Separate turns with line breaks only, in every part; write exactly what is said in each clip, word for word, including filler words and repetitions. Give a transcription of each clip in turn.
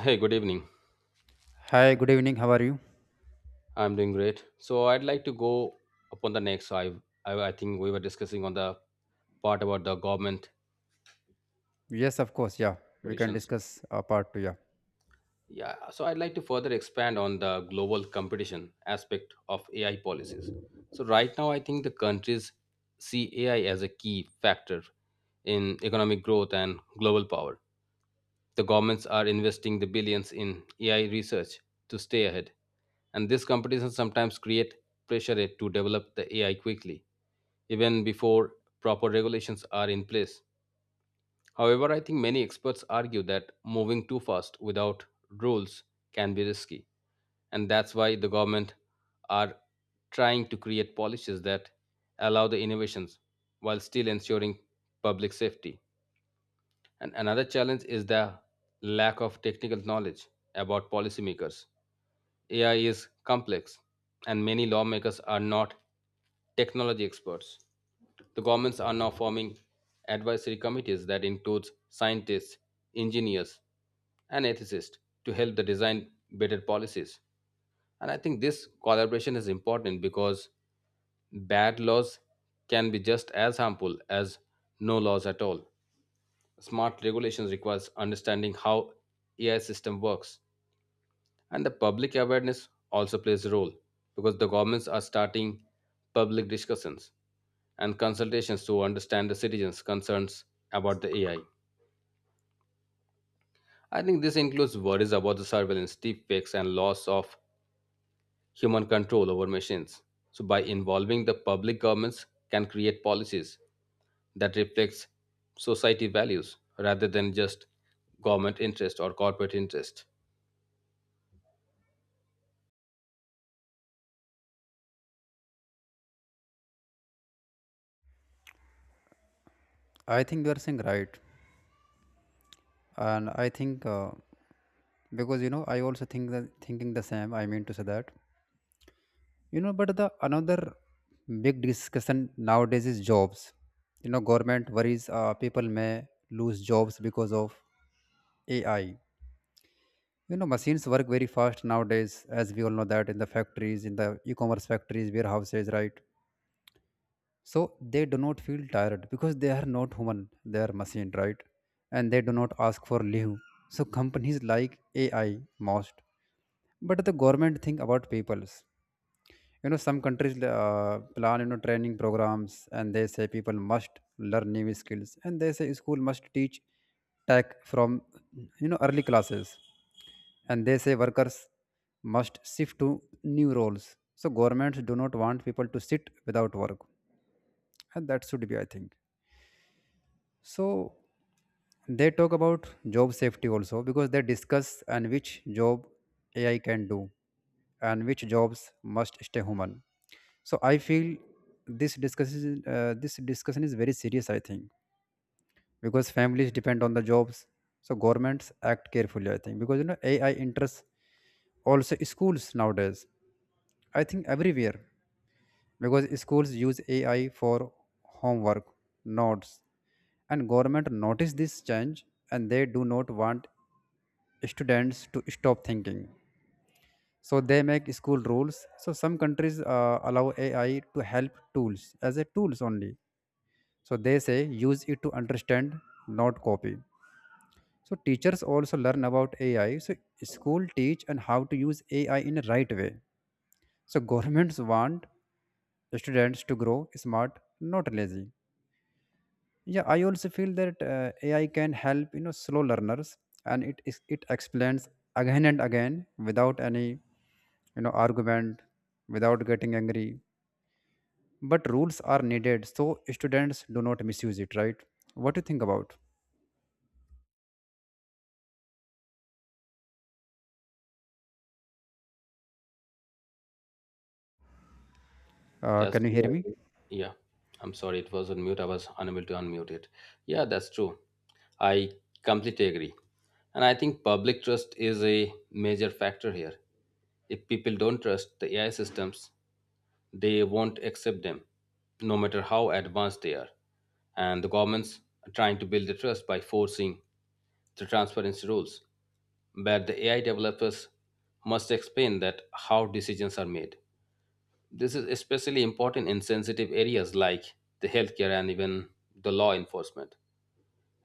Hey, good evening.
Hi, good evening. How are you?
I'm doing great. So I'd like to go upon the next. So I, I, I think we were discussing on the part about the government
Yes, of course. Yeah, we can
solutions.
discuss uh, part two. Yeah,
Yeah. So I'd like to further expand on the global competition aspect of A I policies. So right now, I think the countries see A I as a key factor in economic growth and global power. The governments are investing the billions in A I research to stay ahead, and this competition sometimes create pressure eh, to develop the A I quickly, even before proper regulations are in place. However, I think many experts argue that moving too fast without rules can be risky, and that's why the government are trying to create policies that allow the innovations while still ensuring public safety. And another challenge is the lack of technical knowledge about policymakers. A I is complex, and many lawmakers are not technology experts. The governments are now forming advisory committees that includes scientists, engineers, and ethicists to help the design better policies. And I think this collaboration is important because bad laws can be just as harmful as no laws at all. Smart regulations requires understanding how A I system works, and the public awareness also plays a role because the governments are starting public discussions and consultations to understand the citizens' concerns about the A I. I I think this includes worries about the surveillance, deepfakes, and loss of human control over machines. So, by involving the public, governments can create policies that reflects society values rather than just government interest or corporate interest.
I think you are saying right, and I think uh, because you know I also think that thinking the same. I mean to say that you know, but the another big discussion nowadays is jobs. You know, government worries uh, people may lose jobs because of A I. You know, machines work very fast nowadays, as we all know that in the factories, in the e-commerce factories, warehouses, right? So they do not feel tired because they are not human, they are machine, right? And they do not ask for leave. So companies like AI most, but the government think about peoples. you know some countries uh, plan you know training programs, and they say people must learn new skills, and they say school must teach tech from you know early classes, and they say workers must shift to new roles. So governments do not want people to sit without work, and that should be I think. So they talk about job safety also because they discuss and which job AI can do and which jobs must stay human. So I feel this discussion uh, this discussion is very serious I think because families depend on the jobs. So governments act carefully I think because you know AI interests. Also schools nowadays, I think everywhere, because schools use A I for homework, notes, and government notice this change, and they do not want students to stop thinking. So they make school rules. So some countries uh, allow A I to help tools as a tools only. So they say use it to understand, not copy. So teachers also learn about A I. So school teach and how to use A I in a right way. So governments want students to grow smart, not lazy. Yeah, I also feel that uh, AI can help you know slow learners, and it is it explains again and again without any you know argument, without getting angry. But rules are needed so students do not misuse it, right? What do you think about? Uh,
That's
can you
true,
hear
I
me?
think. Yeah, I'm sorry, it was on mute. I was unable to unmute it. Yeah, that's true. I completely agree. And I think public trust is a major factor here. If people don't trust the A I systems, they won't accept them, no matter how advanced they are. And the governments are trying to build the trust by forcing the transparency rules, where the A I developers must explain that how decisions are made. This is especially important in sensitive areas like the healthcare and even the law enforcement.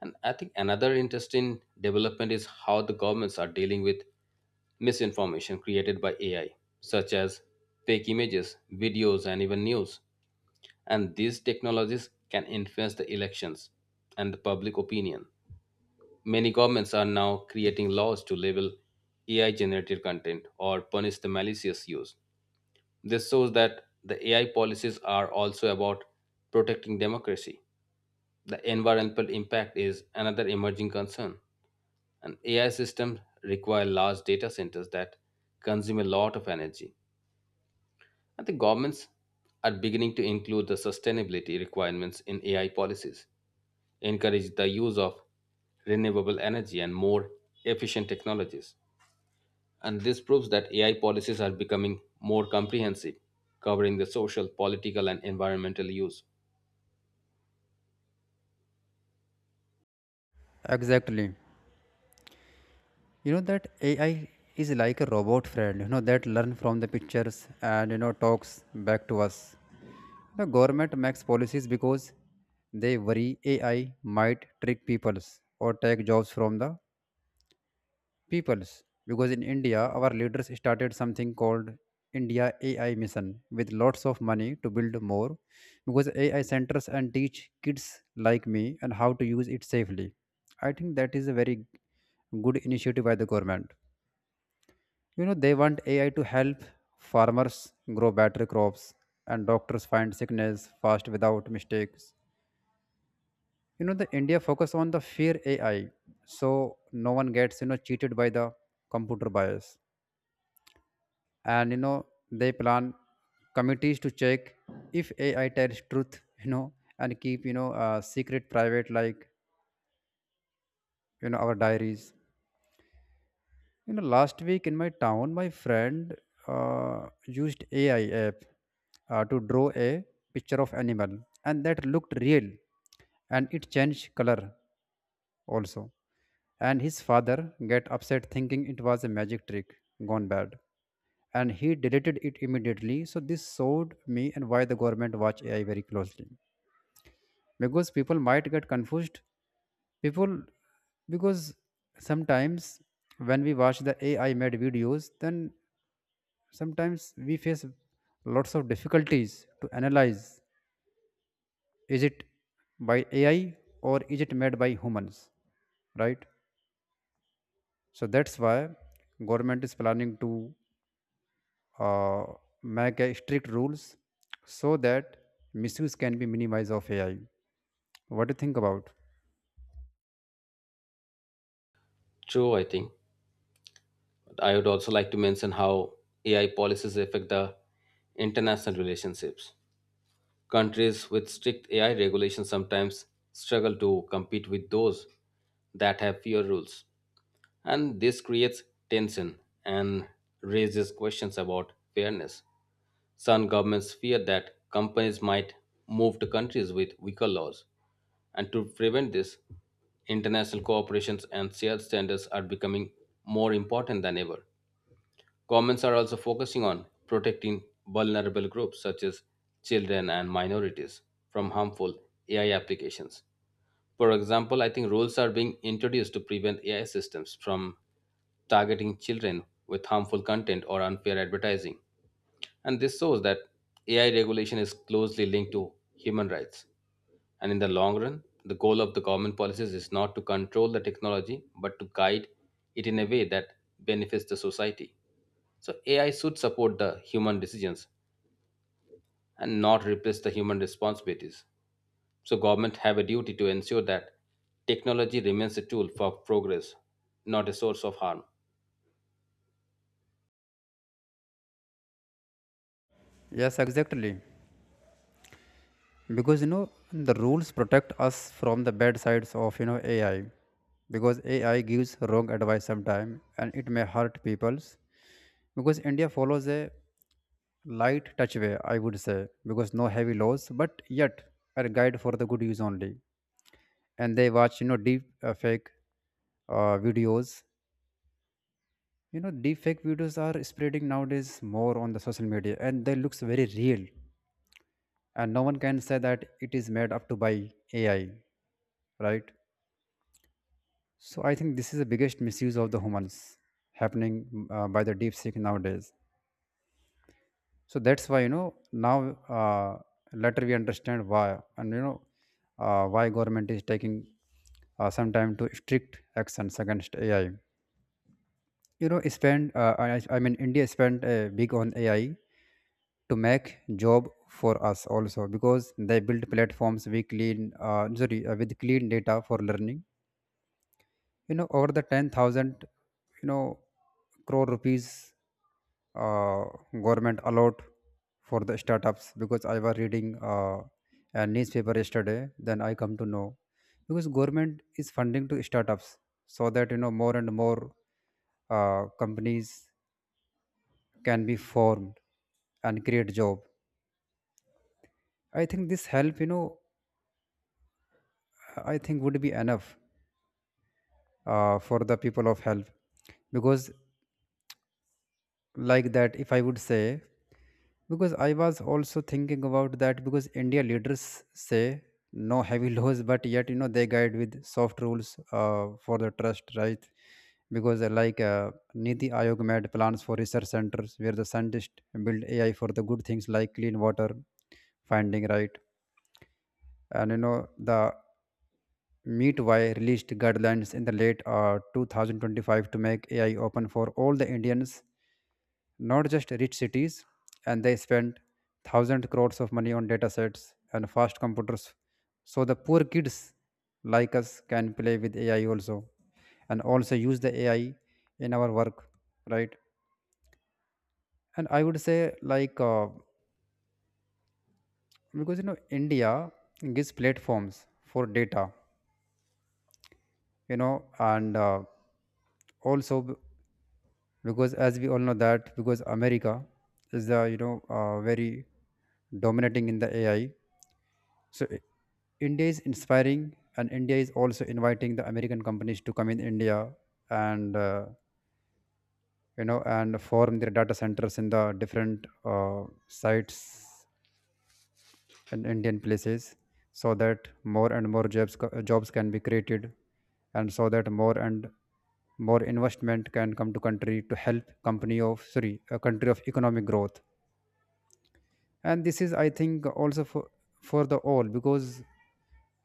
And I think another interesting development is how the governments are dealing with misinformation created by A I, such as fake images, videos, and even news. And these technologies can influence the elections and the public opinion. Many governments are now creating laws to label A I generated content or punish the malicious use. This shows that the A I policies are also about protecting democracy. The environmental impact is another emerging concern. And A I systems require large data centers that consume a lot of energy. And the governments are beginning to include the sustainability requirements in A I policies, encourage the use of renewable energy and more efficient technologies. And this proves that A I policies are becoming more comprehensive, covering the social, political, and environmental use.
Exactly. you know that AI is like a robot friend you know that learn from the pictures, and you know talks back to us. The government makes policies because they worry A I might trick peoples or take jobs from the peoples. Because in India, our leaders started something called India A I Mission with lots of money to build more because A I centers and teach kids like me and how to use it safely. I think that is a very good initiative by the government. You know, they want A I to help farmers grow better crops and doctors find sickness fast without mistakes. you know the India focus on the fear AI. So no one gets you know cheated by the computer bias. And you know they plan committees to check if AI tells truth, you know and keep you know uh, secret private like you know our diaries. you know last week in my town, my friend uh, used AI app uh, to draw a picture of animal, and that looked real, and it changed color also, and his father get upset thinking it was a magic trick gone bad, and he deleted it immediately. So this showed me and why the government watch AI very closely because people might get confused. People, because sometimes when we watch the AI made videos, then sometimes we face lots of difficulties to analyze is it by AI or is it made by humans, right? So that's why government is planning to uh, make a strict rules so that misuse can be minimized of A I. What do you think about?
True, I think. But I would also like to mention how A I policies affect the international relationships. Countries with strict A I regulations sometimes struggle to compete with those that have fewer rules. And this creates tension and raises questions about fairness. Some governments fear that companies might move to countries with weaker laws. And to prevent this, international cooperations and shared standards are becoming more important than ever. Governments are also focusing on protecting vulnerable groups such as children and minorities from harmful A I applications. For example, I think rules are being introduced to prevent A I systems from targeting children with harmful content or unfair advertising. And this shows that A I regulation is closely linked to human rights. And in the long run, the goal of the government policies is not to control the technology, but to guide it in a way that benefits the society. So A I should support the human decisions and not replace the human responsibilities. So government have a duty to ensure that technology remains a tool for progress, not a source of harm.
Yes, exactly. Because you know the rules protect us from the bad sides of you know A I. Because A I gives wrong advice sometimes, and it may hurt people's. Because India follows a light touch way, I would say, because no heavy laws, but yet are guide for the good use only. And they watch you know deep uh, fake uh, videos. you know deep fake videos are spreading nowadays more on the social media, and they looks very real, and no one can say that it is made up to by AI, right? So I think this is the biggest misuse of the humans happening uh, by the deep seek nowadays. So that's why you know now uh, later we understand why, and you know uh, why government is taking uh, some time to strict actions against AI. you know spend uh, I, I mean India spent uh, big on AI to make job for us also because they build platforms we clean uh, sorry uh, with clean data for learning. you know over the ten thousand you know crore rupees uh, government allowed for the startups because I was reading uh, a newspaper yesterday, then I come to know because government is funding to startups, so that you know more and more uh, companies can be formed and create job. I think this help, you know, I think would be enough uh, for the people of help because, like that, if I would say, because I was also thinking about that because India leaders say no heavy laws, but yet, you know, they guide with soft rules uh, for the trust, right? Because, uh, like, uh, Niti Ayog made plans for research centers where the scientists build A I for the good things like clean water finding, right? And you know the Meetwai released guidelines in the late uh, two thousand twenty-five to make A I open for all the Indians, not just rich cities, and they spent thousand crores of money on datasets and fast computers, so the poor kids like us can play with A I also, and also use the A I in our work, right? And I would say like uh, because you know India gives platforms for data, you know and uh, also b- because as we all know that because America is the you know uh, very dominating in the AI. So I- India is inspiring, and India is also inviting the American companies to come in India, and uh, you know and form their data centers in the different uh, sites in Indian places so that more and more jobs, co- jobs can be created, and so that more and more investment can come to country to help company of sorry a country of economic growth. And this is I think also for for the all because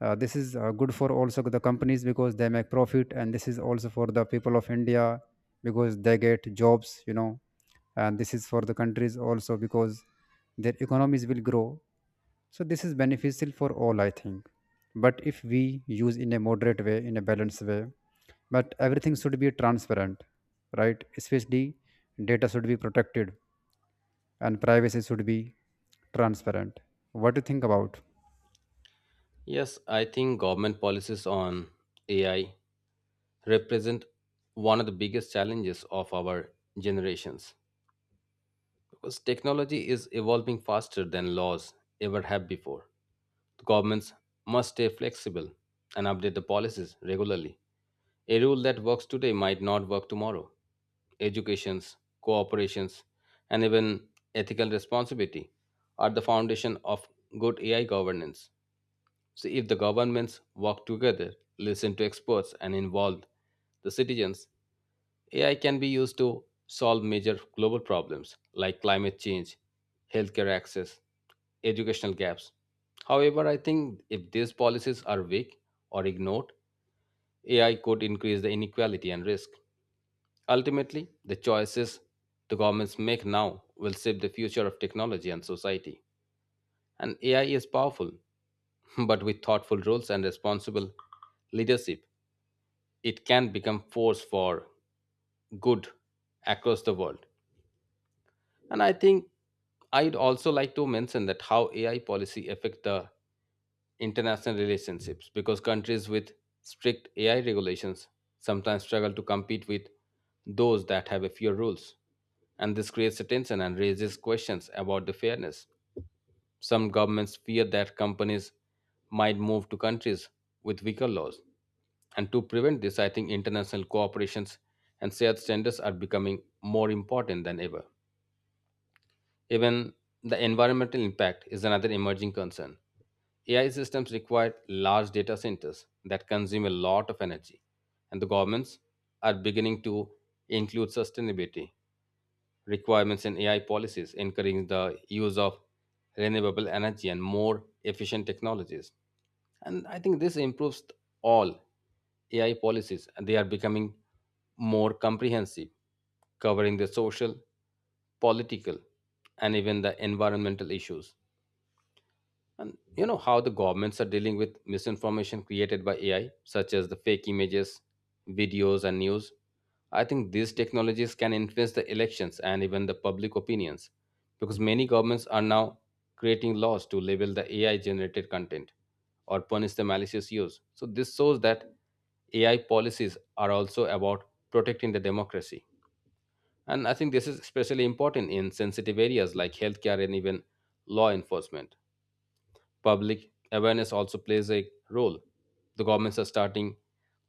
uh, this is uh, good for also the companies because they make profit, and this is also for the people of India because they get jobs, you know and this is for the countries also because their economies will grow. So this is beneficial for all, I think. But if we use in a moderate way, in a balanced way, but everything should be transparent, right? Especially data should be protected, and privacy should be transparent. What do you think about?
Yes, I think government policies on A I represent one of the biggest challenges of our generations because technology is evolving faster than laws ever have before. The governments must stay flexible and update the policies regularly. A rule that works today might not work tomorrow. Educations, cooperations, and even ethical responsibility are the foundation of good A I governance. So, if the governments work together, listen to experts, and involve the citizens, A I can be used to solve major global problems like climate change, healthcare access, educational gaps. However, I think if these policies are weak or ignored, A I could increase the inequality and risk. Ultimately, the choices the governments make now will shape the future of technology and society. And A I is powerful, but with thoughtful rules and responsible leadership, it can become force for good across the world. And I think I'd also like to mention that how A I policy affect the international relationships because countries with strict A I regulations sometimes struggle to compete with those that have a fewer rules. And this creates a tension and raises questions about the fairness. Some governments fear that companies might move to countries with weaker laws. And to prevent this, I think international cooperations and shared standards are becoming more important than ever. Even the environmental impact is another emerging concern. A I systems require large data centers that consume a lot of energy, and the governments are beginning to include sustainability requirements in A I policies, encouraging the use of renewable energy and more efficient technologies. And I think this improves all AI policies, and they are becoming more comprehensive, covering the social, political, and even the environmental issues. And you know how the governments are dealing with misinformation created by A I, such as the fake images, videos, and news. I think these technologies can influence the elections and even the public opinions because many governments are now creating laws to label the A I generated content or punish the malicious use. So, this shows that A I policies are also about protecting the democracy. And I think this is especially important in sensitive areas like healthcare and even law enforcement. Public awareness also plays a role. The governments are starting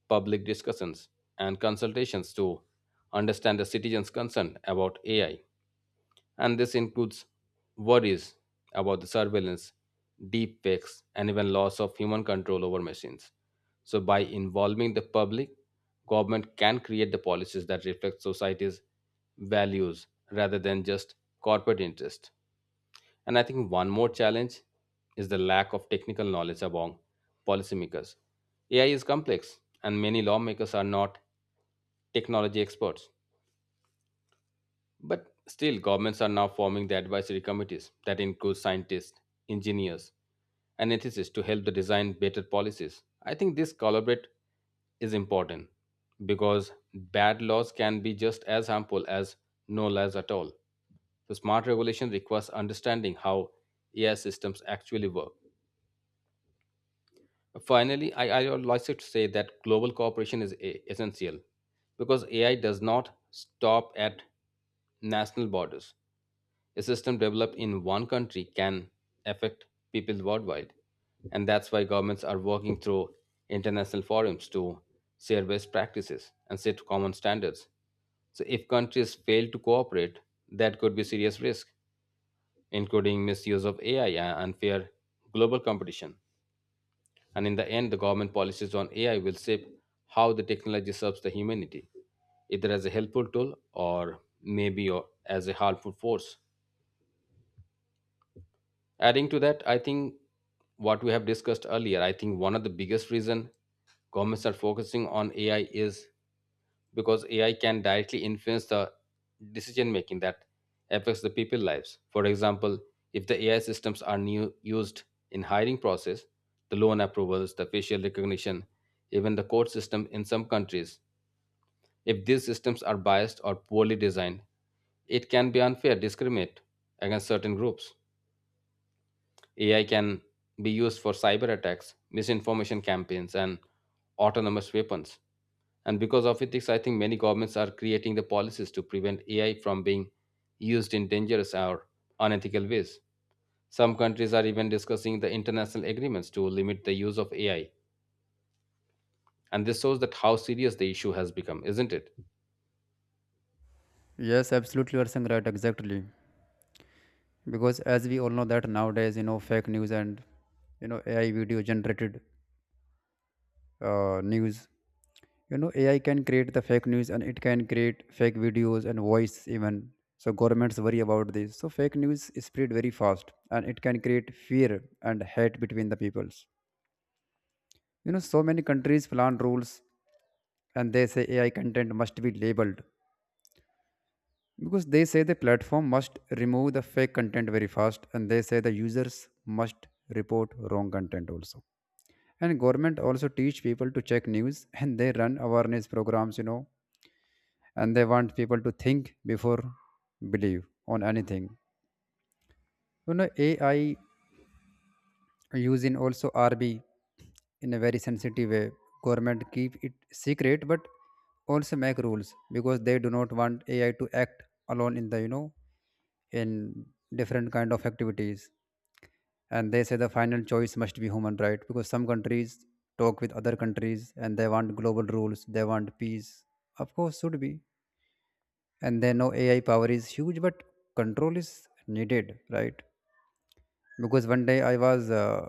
public discussions and consultations to understand the citizens' concern about A I. And this includes worries about the surveillance, deep fakes, and even loss of human control over machines. So by involving the public, government can create the policies that reflect society's values rather than just corporate interests. And I think one more challenge is the lack of technical knowledge among policymakers. A I is complex, and many lawmakers are not technology experts. But still, governments are now forming the advisory committees that include scientists, engineers, and ethicists to help the design better policies. I think this collaborate is important because bad laws can be just as harmful as no laws at all. So smart regulation requires understanding how A I systems actually work. Finally, I, I would like to say that global cooperation is e- essential because A I does not stop at national borders. A system developed in one country can affect people worldwide. And that's why governments are working through international forums to share best practices and set common standards. So, if countries fail to cooperate, that could be serious risk, including misuse of A I and unfair global competition. And in the end, the government policies on A I will shape how the technology serves the humanity, either as a helpful tool or maybe or as a harmful force. Adding to that, I think what we have discussed earlier, I think one of the biggest reason governments are focusing on A I is because A I can directly influence the decision making that affects the people lives. For example, if the A I systems are new, used in hiring process, the loan approvals, the facial recognition, even the court system in some countries, if these systems are biased or poorly designed, it can be unfair discriminate against certain groups. A I can be used for cyber attacks, misinformation campaigns, and autonomous weapons. And because of ethics, I think many governments are creating the policies to prevent A I from being used in dangerous or unethical ways. Some countries are even discussing the international agreements to limit the use of A I. And this shows that how serious the issue has become, isn't it?
Yes, absolutely, you are saying right, exactly. Because as we all know that nowadays, you know, fake news, and you know A I video generated uh, news. you know AI can create the fake news, and it can create fake videos and voice even. So governments worry about this. So fake news is spread very fast, and it can create fear and hate between the peoples. you know so many countries plan rules, and they say AI content must be labeled because they say the platform must remove the fake content very fast, and they say the users must report wrong content also. And government also teach people to check news, and they run awareness programs, you know and they want people to think before believe on anything. you know AI use in also rb in a very sensitive way. Government keep it secret but also make rules because they do not want AI to act alone in the you know in different kind of activities. And they say the final choice must be human, right? Because some countries talk with other countries, and they want global rules. They want peace, of course should be, and they know AI power is huge but control is needed, right? Because one day I was uh,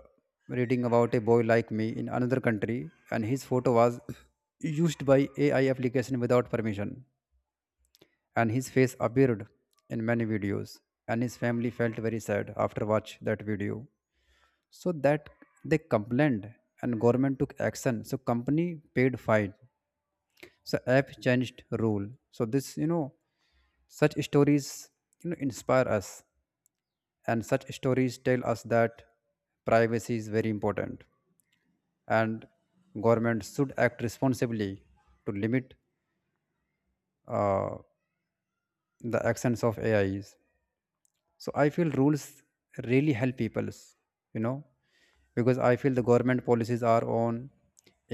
reading about a boy like me in another country, and his photo was used by AI application without permission, and his face appeared in many videos, and his family felt very sad after watch that video. So that they complained, and government took action. So company paid fine. So app changed rule. So this you know such stories you know inspire us, and such stories tell us that privacy is very important, and government should act responsibly to limit uh, the actions of A Is. So I feel rules really help people. you know because I feel the government policies are on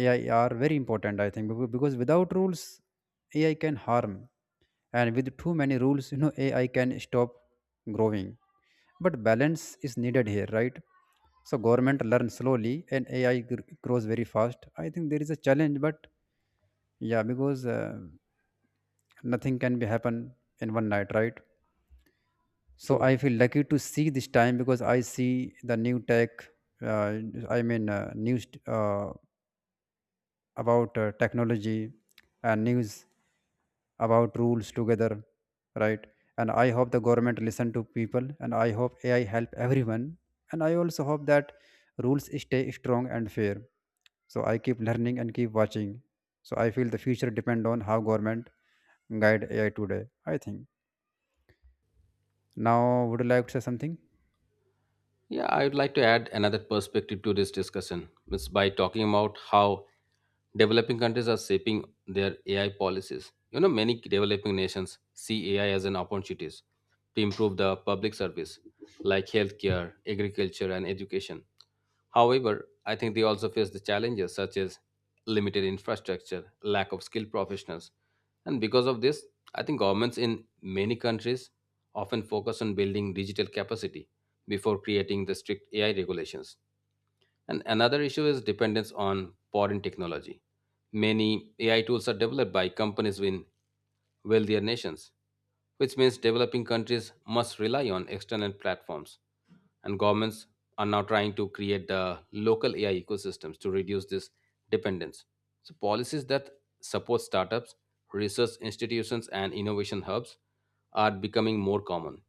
AI are very important I think, becau- because without rules AI can harm, and With too many rules, you know, AI can stop growing, but balance is needed here, right? So government learns slowly and ai gr- grows very fast. I think there is a challenge, but yeah, because uh, nothing can be happen in one night, right? So I
True.
feel lucky to see this time because I see the new tech uh, I mean uh, news uh, about uh, technology and news about rules together, right? And I hope the government listen to people and I hope AI help everyone. And I also hope that rules stay strong and fair, so I keep learning and keep watching. So I feel the future depend on how government guide AI today, I think. Now, would you like to say something?
Yeah, I would like to add another perspective to this discussion. It's by talking about how developing countries are shaping their A I policies. You know, many developing nations see A I as an opportunity to improve the public service like healthcare, agriculture, and education. However, I think they also face the challenges such as limited infrastructure, lack of skilled professionals, and because of this, I think governments in many countries often focus on building digital capacity before creating the strict A I regulations. And another issue is dependence on foreign technology. Many A I tools are developed by companies in wealthier nations, which means developing countries must rely on external platforms and governments are now trying to create the local A I ecosystems to reduce this dependence. So policies that support startups, research institutions, and innovation hubs are becoming more common.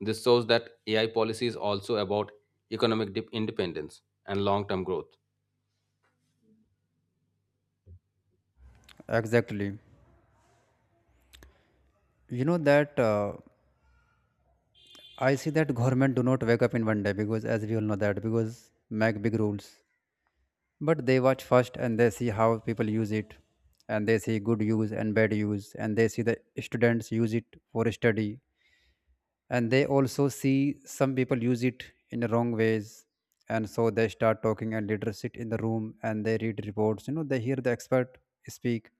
This shows that A I policy is also about economic dip- independence and long-term growth.
Exactly. You know that, uh, I see that government do not wake up in one day, because as we all know that, because make big rules. But they watch first and they see how people use it, and they see good use and bad use, and they see the students use it for study, and they also see some people use it in the wrong ways. And so they start talking and leaders sit in the room and they read reports, you know, they hear the expert speak.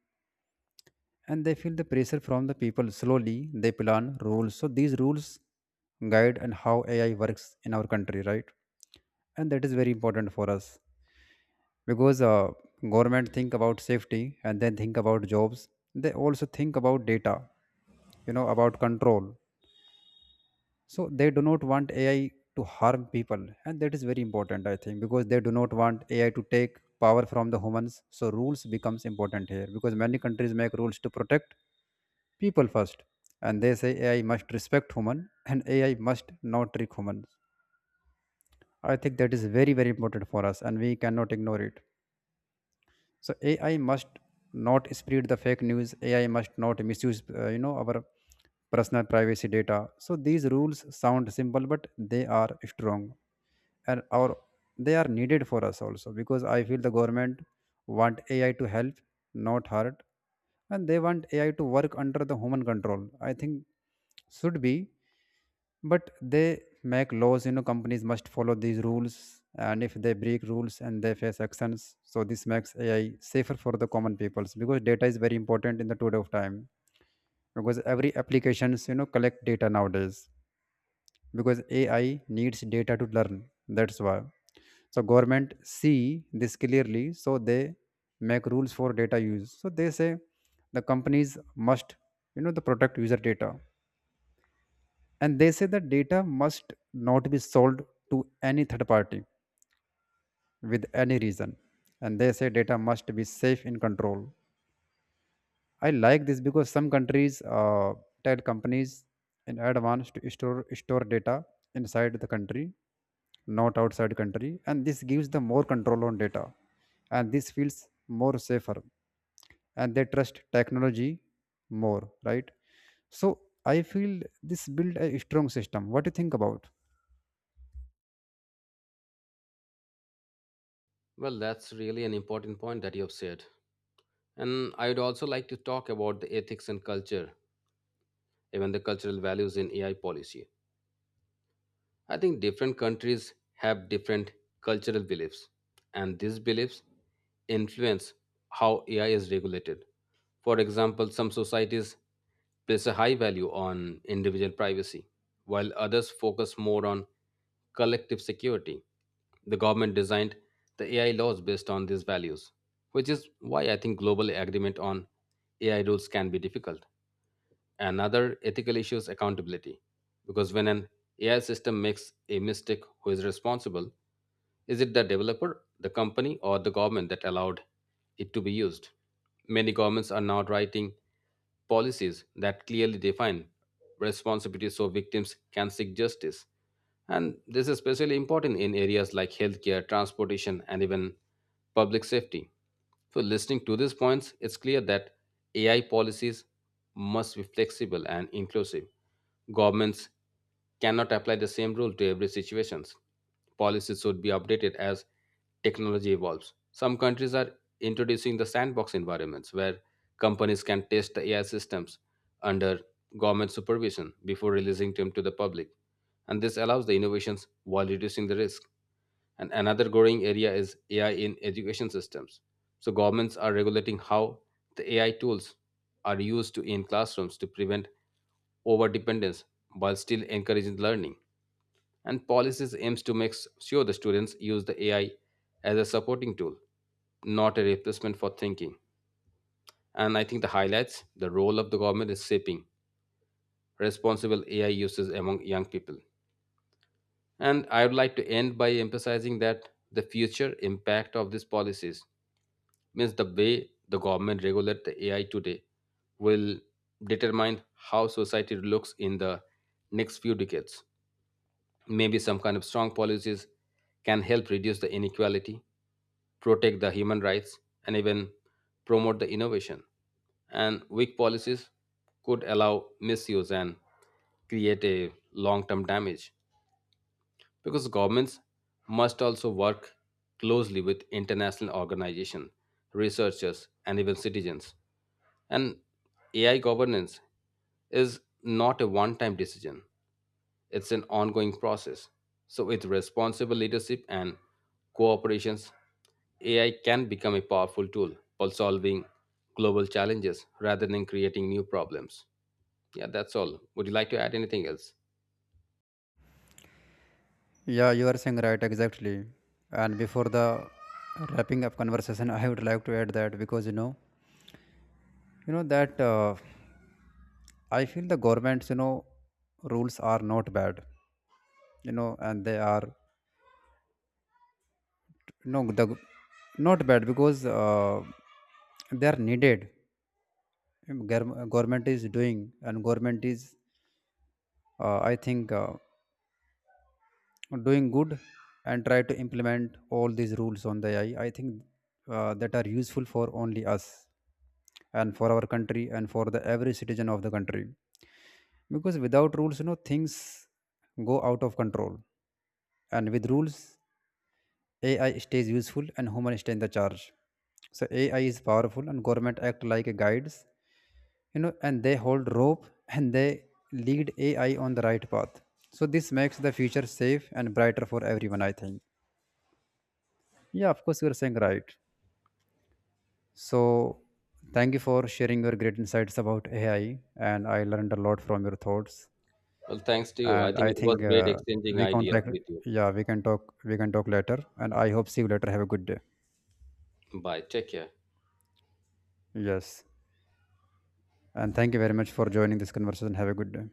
And they feel the pressure from the people. Slowly they plan rules, so these rules guide and how AI works in our country, right? And that is very important for us, because uh, government think about safety, and then think about jobs. They also think about data, you know, about control. So they do not want AI to harm people, and that is very important, I think, because they do not want AI to take power from the humans. So rules becomes important here because many countries make rules to protect people first, and they say AI must respect human and AI must not trick humans. I think that is very, very important for us and we cannot ignore it. So AI must not spread the fake news, AI must not misuse, uh, you know, our personal privacy data. So these rules sound simple, but they are strong, and our, they are needed for us also, because I feel the government want AI to help, not hurt. And they want AI to work under the human control, I think, should be. But they make laws, you know, companies must follow these rules, and if they break rules, and they face actions. So this makes AI safer for the common peoples, because data is very important in the today of time, because every applications, you know, collect data nowadays, because AI needs data to learn, that's why. So government see this clearly, so they make rules for data use, so they say the companies must, you know, the protect user data. And they say that data must not be sold to any third party with any reason. And they say data must be safe in control. I like this because some countries uh, tell companies in advance to store store data inside the country, not outside country, and this gives them more control on data. And this feels more safer, and they trust technology more, right? So I feel this build a strong system. What do you think about?
Well, that's really an important point that you have said. And I would also like to talk about the ethics and culture, even the cultural values in A I policy. I think different countries have different cultural beliefs, and these beliefs influence how A I is regulated. For example, some societies place a high value on individual privacy, while others focus more on collective security. The government designed the A I laws based on these values, which is why I think global agreement on A I rules can be difficult. Another ethical issue is accountability, because when an A I system makes a mistake, who is responsible? Is it the developer, the company, or the government that allowed it to be used? Many governments are now writing policies that clearly define responsibilities so victims can seek justice. And this is especially important in areas like healthcare, transportation, and even public safety. So, listening to these points, it's clear that A I policies must be flexible and inclusive. Governments cannot apply the same rule to every situation. Policies should be updated as technology evolves. Some countries are introducing the sandbox environments where companies can test the A I systems under government supervision before releasing them to the public. And this allows the innovations while reducing the risk. And another growing area is A I in education systems. So governments are regulating how the A I tools are used to in classrooms to prevent over dependence while still encouraging learning, and policies aims to make sure the students use the AI as a supporting tool, not a replacement for thinking. And I think the highlights the role of the government is shaping responsible AI uses among young people. And I would like to end by emphasizing that the future impact of these policies means the way the government regulate the AI today will determine how society looks in the next few decades. Maybe some kind of strong policies can help reduce the inequality, protect the human rights, and even promote the innovation. And weak policies could allow misuse and create a long term damage because governments must also work closely with international organizations, researchers, and even citizens. And A I governance is not a one time decision. It's an ongoing process. So, with responsible leadership and cooperations, A I can become a powerful tool for solving global challenges rather than creating new problems. Yeah, that's all. Would you like to add anything else?
Yeah, you are saying right, exactly. And before the wrapping up conversation, I would like to add that, because you know, you know that, uh, I feel the government's, you know, rules are not bad, you know, and they are, you know, the not bad, because uh, they are needed. Gov- Government is doing, and government is, uh, I think, uh, doing good and try to implement all these rules on the A I. I I think uh, that are useful for only us and for our country and for the every citizen of the country. Because without rules, you know, things go out of control, and with rules, AI stays useful and human stay in the charge. So AI is powerful and government act like a guides, you know, and they hold rope and they lead AI on the right path. So this makes the future safe and brighter for everyone, I think. Yeah, of course, you're saying right. So, thank you for sharing your great insights about A I, and I learned a lot from your thoughts.
Well, thanks to you. I
And
think
I
it was
think
great
uh,
exchanging
we
ideas
contact,
with you.
yeah, we can talk, we can talk later. And I hope see you later. Have a good day.
Bye. Take care.
Yes, and thank you very much for joining this conversation. Have a good day.